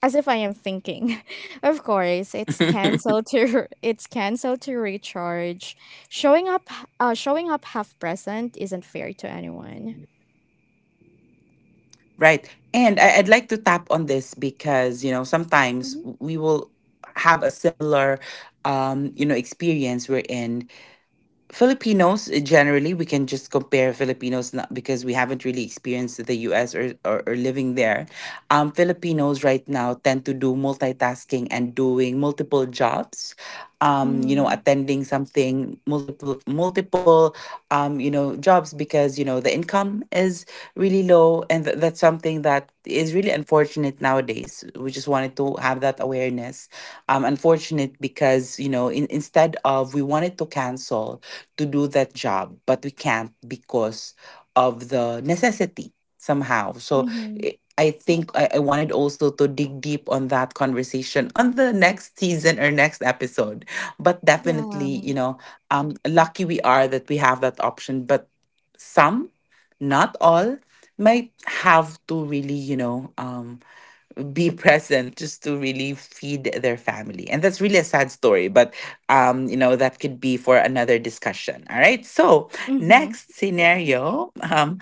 Speaker 2: As if I am thinking. Of course, it's cancel to it's cancel to recharge. Showing up, uh, showing up half present isn't fair to anyone.
Speaker 1: Right. And I, I'd like to tap on this because, you know, sometimes
Speaker 2: Mhm.
Speaker 1: w- we will have a similar um, you know, experience, we're in Filipinos, uh, generally. We can just compare Filipinos, not because we haven't really experienced the U S or, or, or living there. Um, Filipinos right now tend to do multitasking and doing multiple jobs. Um, you know,
Speaker 2: Mhm.
Speaker 1: attending something, multiple multiple um, you know, jobs, because you know the income is really low, and th- that's something that is really unfortunate nowadays. We just wanted to have that awareness. Um, unfortunate because, you know, in, instead of we wanted to cancel to do that job, but we can't because of the necessity somehow. So
Speaker 2: Mhm.
Speaker 1: i- I think I, I wanted also to dig deep on that conversation on the next season or next episode. But
Speaker 2: Yeah.
Speaker 1: definitely, you know, um, lucky we are that we have that option, but some, not all, might have to really, you know, um, be present, just to really feed their family. And that's really a sad story, but um, you know, that could be for another discussion. All right. So
Speaker 2: Mhm.
Speaker 1: next
Speaker 2: Yeah.
Speaker 1: scenario, um,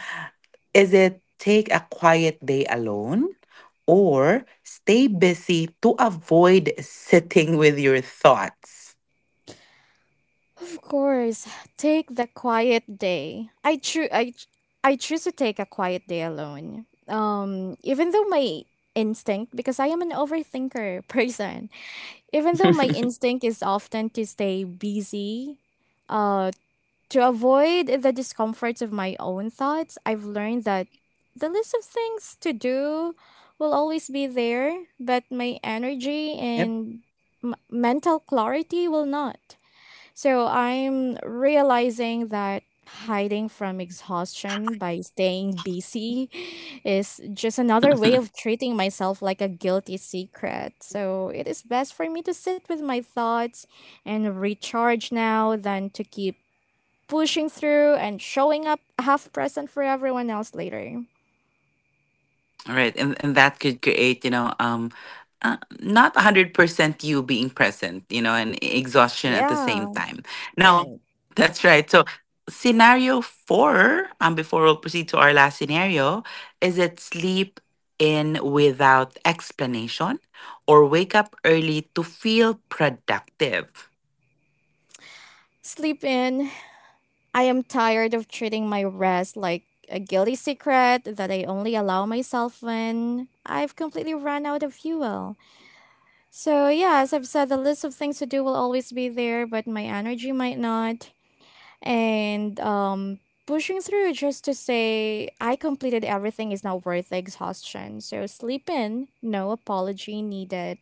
Speaker 1: is it take a quiet day alone, or stay busy to avoid sitting with your thoughts?
Speaker 2: Of course, take the quiet day. I choose. I ch- I choose to take a quiet day alone. Um, even though my instinct, because I am an overthinker person, even though my instinct is often to stay busy, uh, to avoid the discomforts of my own thoughts, I've learned that the list of things to do will always be there, but my energy
Speaker 1: yep.
Speaker 2: and m- mental clarity will not. So I'm realizing that hiding from exhaustion by staying busy is just another way of treating myself like a guilty secret. So it is best for me to sit with my thoughts and recharge now than to keep pushing through and showing up half present for everyone else later.
Speaker 1: Right, and and that could create, you know, um, uh, not hundred percent you being present, you know, and e-, exhaustion at the same
Speaker 2: Yeah,
Speaker 1: time. Now,
Speaker 2: right.
Speaker 1: that's right. So, scenario four, um, before we'll proceed to our last scenario, is it sleep in without explanation, or wake up early to feel productive?
Speaker 2: Sleep in. I am tired of treating my rest like a guilty secret that I only allow myself when I've completely run out of fuel. So, yeah, as I've said, the list of things to do will always be there, but my energy might not. And um, pushing through just to say I completed everything is not worth the exhaustion. So, sleep in, no apology needed.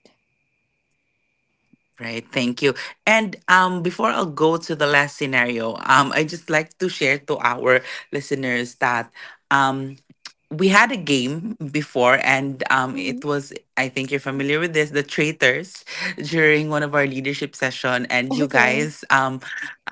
Speaker 1: Right, thank you. And um, before I'll go to the last scenario, um, I just like to share to our listeners that, um, we had a game before, and um, it
Speaker 2: Mhm.
Speaker 1: was, I think you're familiar with this, the traitors, during one of our leadership session, and you
Speaker 2: Okay.
Speaker 1: guys, um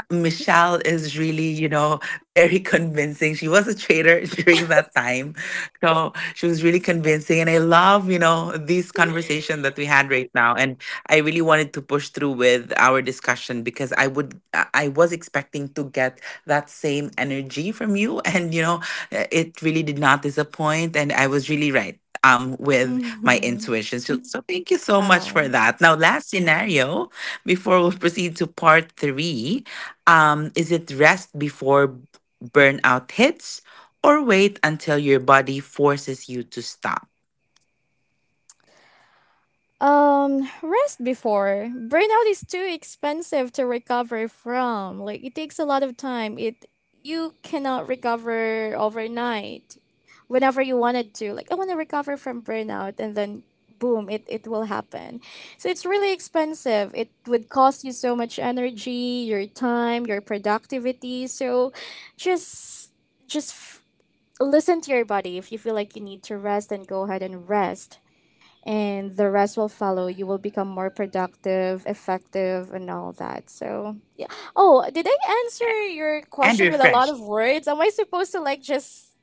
Speaker 1: Michelle is really, you know, very convincing. She was a trader during that time. So she was really convincing. And I love, you know, this conversation that we had right now. And I really wanted to push through with our discussion because I would, I I was expecting to get that same energy from you. And, you know, uh, it really did not disappoint. And I was really right. Um, with my
Speaker 2: Mm-hmm.
Speaker 1: intuition. So, so thank you so much for
Speaker 2: Wow.
Speaker 1: that. Now, last scenario, before we proceed to part three. Um, is it rest before burnout hits or wait until your body forces you to stop
Speaker 2: Um, rest before. Burnout is too expensive to recover from. Like it takes a lot of time. It you cannot recover overnight. Whenever you wanted to. Like I want to recover from burnout and then boom, it, it will happen. So it's really expensive. It would cost you so much energy, your time, your productivity. So just just listen to your body. If you feel like you need to rest, then go ahead and rest. And the rest will follow. You will become more productive, effective, and all that. So, yeah. Oh, did I answer your
Speaker 1: and
Speaker 2: question with a lot of
Speaker 1: refreshed?
Speaker 2: words? Am I supposed to, like, just.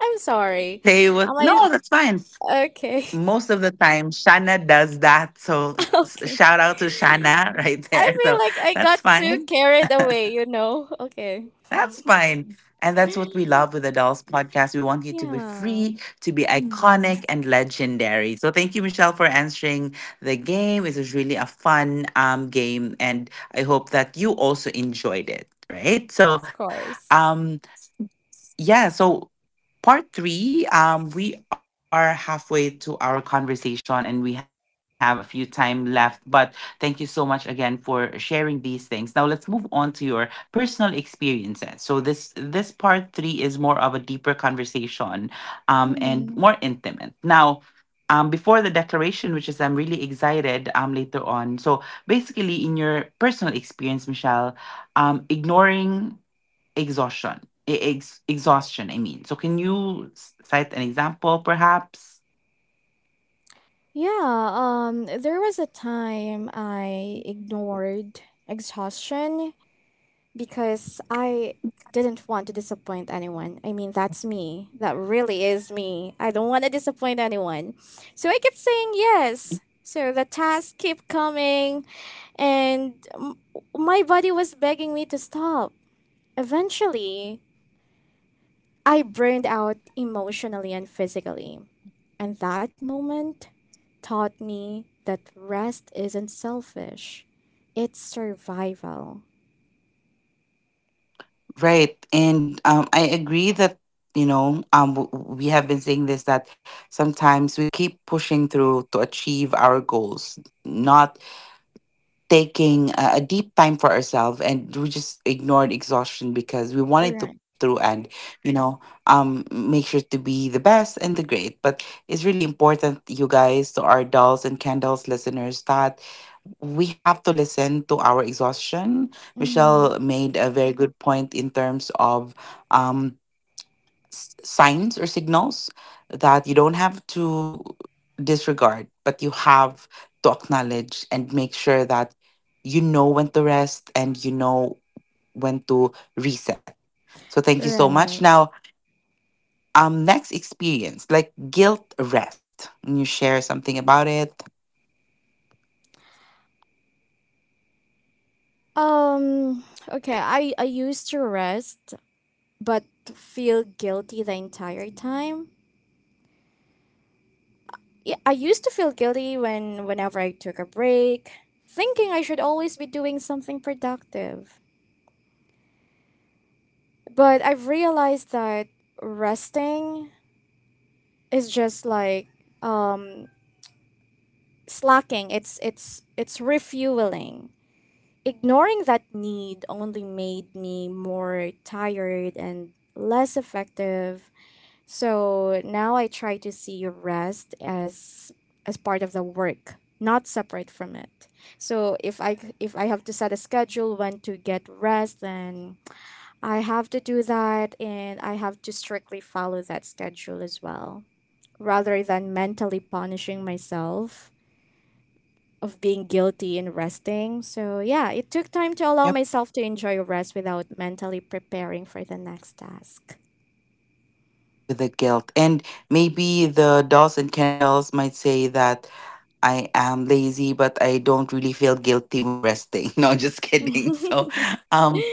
Speaker 2: I'm sorry.
Speaker 1: Say what?
Speaker 2: Am
Speaker 1: No,
Speaker 2: I.
Speaker 1: that's fine.
Speaker 2: Okay.
Speaker 1: Most of the time, Shana does that. So s-
Speaker 2: okay.
Speaker 1: shout out to Shana right
Speaker 2: I
Speaker 1: there.
Speaker 2: feel
Speaker 1: So
Speaker 2: like I got
Speaker 1: that's
Speaker 2: too
Speaker 1: fine.
Speaker 2: carried away, you know? Okay.
Speaker 1: That's fine. And that's what we love with the Dolls Podcast. We want you to be
Speaker 2: Yeah,
Speaker 1: free, to be iconic and legendary. So thank you, Michelle, for answering the game. It was really a fun um, game. And I hope that you also enjoyed it, right? So,
Speaker 2: of course.
Speaker 1: um, yeah. So part three, um we are halfway to our conversation and we have a few time left, but thank you so much again for sharing these things. Now let's move on to your personal experiences. So this this part three is more of a deeper conversation, um and more
Speaker 2: Mhm.
Speaker 1: intimate. Now, um, before the declaration, which is I'm really excited um, later on. So basically, in your personal experience, Michelle, um, ignoring exhaustion. E- Ex- exhaustion, I mean. So, can you s- cite an example, perhaps?
Speaker 2: Yeah, um there was a time I ignored exhaustion because I didn't want to disappoint anyone. I mean, that's me. That really is me. I don't want to disappoint anyone. So I kept saying yes. So the tasks kept coming and m- my body was begging me to stop. Eventually, I burned out emotionally and physically. And that moment taught me that rest isn't selfish, it's survival.
Speaker 1: Right. And um, I agree that, you know, um, w- w- we have been saying this, that sometimes we keep pushing through to achieve our goals, not taking a, a deep time for ourselves. And we just ignored exhaustion because we wanted to
Speaker 2: Right.
Speaker 1: push through and, you know, um, make sure to be the best and the great. But it's really important, you guys, to our dolls and candles listeners, that we have to listen to our exhaustion. Michelle
Speaker 2: Mm-hmm.
Speaker 1: made a very good point in terms of um, s- signs or signals that you don't have to disregard, but you have to acknowledge and make sure that you know when to rest and you know when to reset. So thank you so much.
Speaker 2: Right.
Speaker 1: Now, um, next experience, like guilt rest. Can you share something about it?
Speaker 2: Um, okay, I, I used to rest, but feel guilty the entire time. Yeah, I used to feel guilty when whenever I took a break, thinking I should always be doing something productive. But I've realized that resting it's just like um slacking, it's it's it's refueling. Ignoring that need only made me more tired and less effective. So now I try to see rest as as part of the work, not separate from it. So if I if i have to set a schedule when to get rest, then I have to do that, and I have to strictly follow that schedule as well, rather than mentally punishing myself of being guilty and resting. So, yeah, it took time to allow myself to enjoy rest without mentally preparing for the next task.
Speaker 1: With the guilt. And maybe the dolls and Ken dolls might say that I am lazy, but I don't really feel guilty when resting. No, just kidding. So,
Speaker 2: yeah.
Speaker 1: um,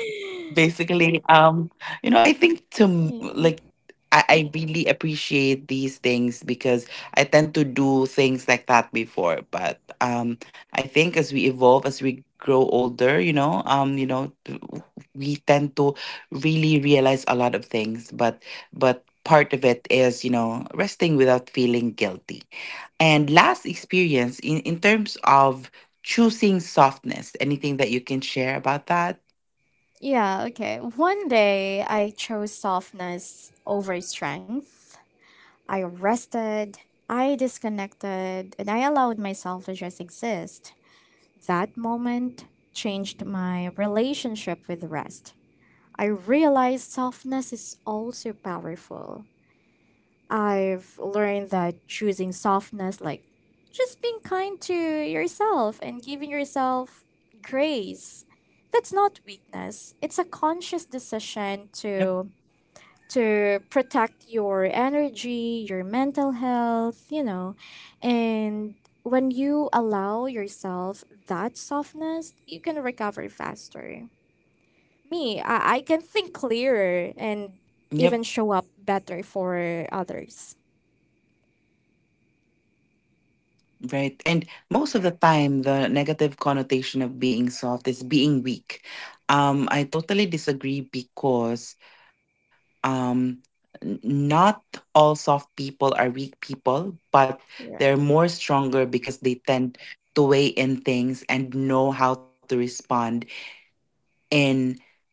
Speaker 1: basically, um, you know, I think to m- like. I, I really appreciate these things because I tend to do things like that before. But um, I think as we evolve, as we grow older, you know, um, you know, t- we tend to really realize a lot of things. But but part of it is, you know, resting without feeling guilty. And last experience in, in terms of choosing softness, anything that you can share about that?
Speaker 2: Yeah, okay. One day I chose softness over strength. I rested, I disconnected, and I allowed myself to just exist. That moment changed my relationship with rest. I realize softness is also powerful. I've learned that choosing softness, like just being kind to yourself and giving yourself grace, that's not weakness. It's a conscious decision
Speaker 1: Yep.
Speaker 2: to to protect your energy, your mental health, you know. And when you allow yourself that softness, you can recover faster. Me, I, I can think
Speaker 1: Yep,
Speaker 2: clearer and even show up better for others.
Speaker 1: right. And most of the time, the negative connotation of being soft is being weak. Um, I totally disagree because um, n- not all soft people are weak people, but they're
Speaker 2: Right.
Speaker 1: more stronger because they tend to weigh in things and know how to respond in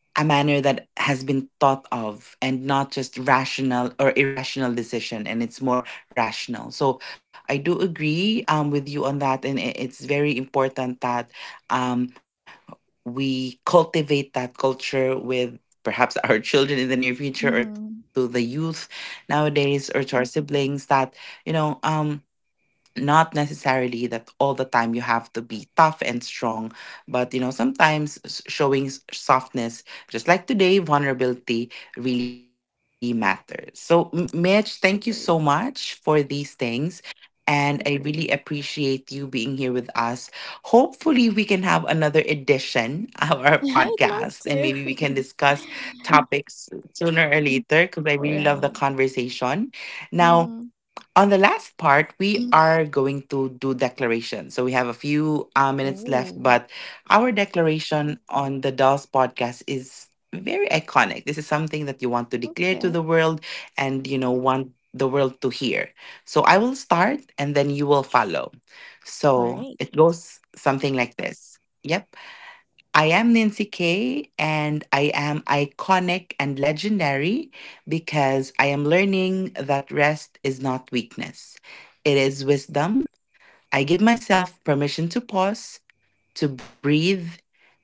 Speaker 1: a manner that has been thought of, and not just rational or irrational decision, and it's more rational. So I do agree um, with you on that. And I- it's very important that um, we cultivate that culture with perhaps our children in the near future, or to the
Speaker 2: Mm-hmm.
Speaker 1: youth nowadays, or to our siblings, that you know um, not necessarily that all the time you have to be tough and strong, but you know, sometimes s- showing s- softness, just like today, vulnerability really matters. So, M- Mitch, thank you so much
Speaker 2: Agree.
Speaker 1: for these things. And I really appreciate you being here with us. Hopefully, we can have another edition of our
Speaker 2: I'd
Speaker 1: podcast, and
Speaker 2: love
Speaker 1: maybe we can
Speaker 2: to.
Speaker 1: discuss topics sooner or later, because I really love the
Speaker 2: Right.
Speaker 1: conversation. Now,
Speaker 2: Mm-hmm.
Speaker 1: on the last part, we Mm. are going to do declaration. So we have a few uh, minutes left,
Speaker 2: Ooh.
Speaker 1: but our declaration on the Dolls Podcast is very iconic. This is something that you want to declare to the
Speaker 2: Okay.
Speaker 1: world and, you know, want the world to hear. So I will start and then you will follow.
Speaker 2: All
Speaker 1: So
Speaker 2: right.
Speaker 1: it goes something like this. Yep. I am Nancy Kay, and I am iconic and legendary because I am learning that rest is not weakness, it is wisdom. I give myself permission to pause, to breathe,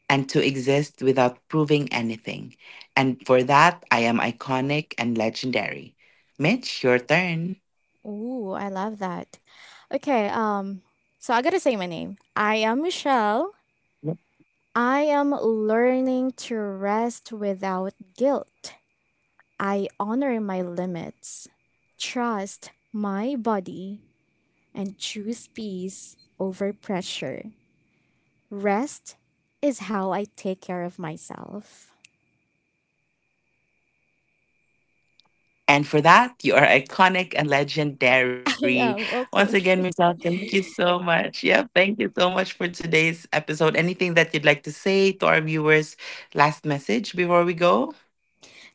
Speaker 1: and to exist without proving anything. And for that, I am iconic and legendary. Mitch, your turn.
Speaker 2: Ooh, I love that. Okay. Um. So I gotta say my name. I am Michelle. I am learning to rest without guilt. I honor my limits. Trust my body and choose peace over pressure. Rest is how I take care of myself.
Speaker 1: And for that, you are iconic and
Speaker 2: I
Speaker 1: legendary.
Speaker 2: am okay.
Speaker 1: Once again, Michelle, thank you so much. Yeah, thank you so much for today's episode. Anything that you'd like to say to our viewers? Last message before we go?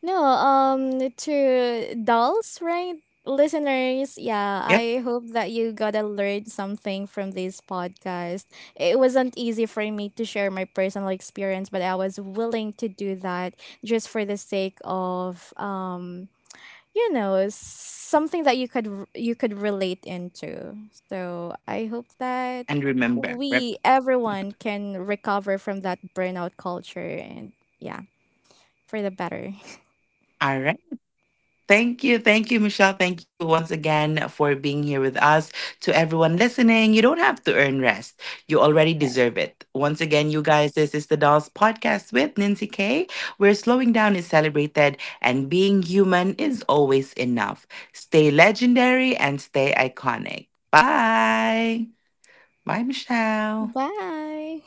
Speaker 2: No, um, to dolls, right? Listeners, yeah,
Speaker 1: Yep.
Speaker 2: I hope that you gotta learn something from this podcast. It wasn't easy for me to share my personal experience, but I was willing to do that just for the sake of um you know s- something that you could r- you could relate into. So I hope that
Speaker 1: And remember, rep.
Speaker 2: we everyone can recover from that burnout culture and yeah for the better.
Speaker 1: All right. Thank you. Thank you, Michelle. Thank you once again for being here with us. To everyone listening, you don't have to earn rest. You already
Speaker 2: Right.
Speaker 1: deserve it. Once again, you guys, this is the Dolls Podcast with Nancy K, where slowing down is celebrated and being human is always enough. Stay legendary and stay iconic. Bye. Bye, Michelle.
Speaker 2: Bye.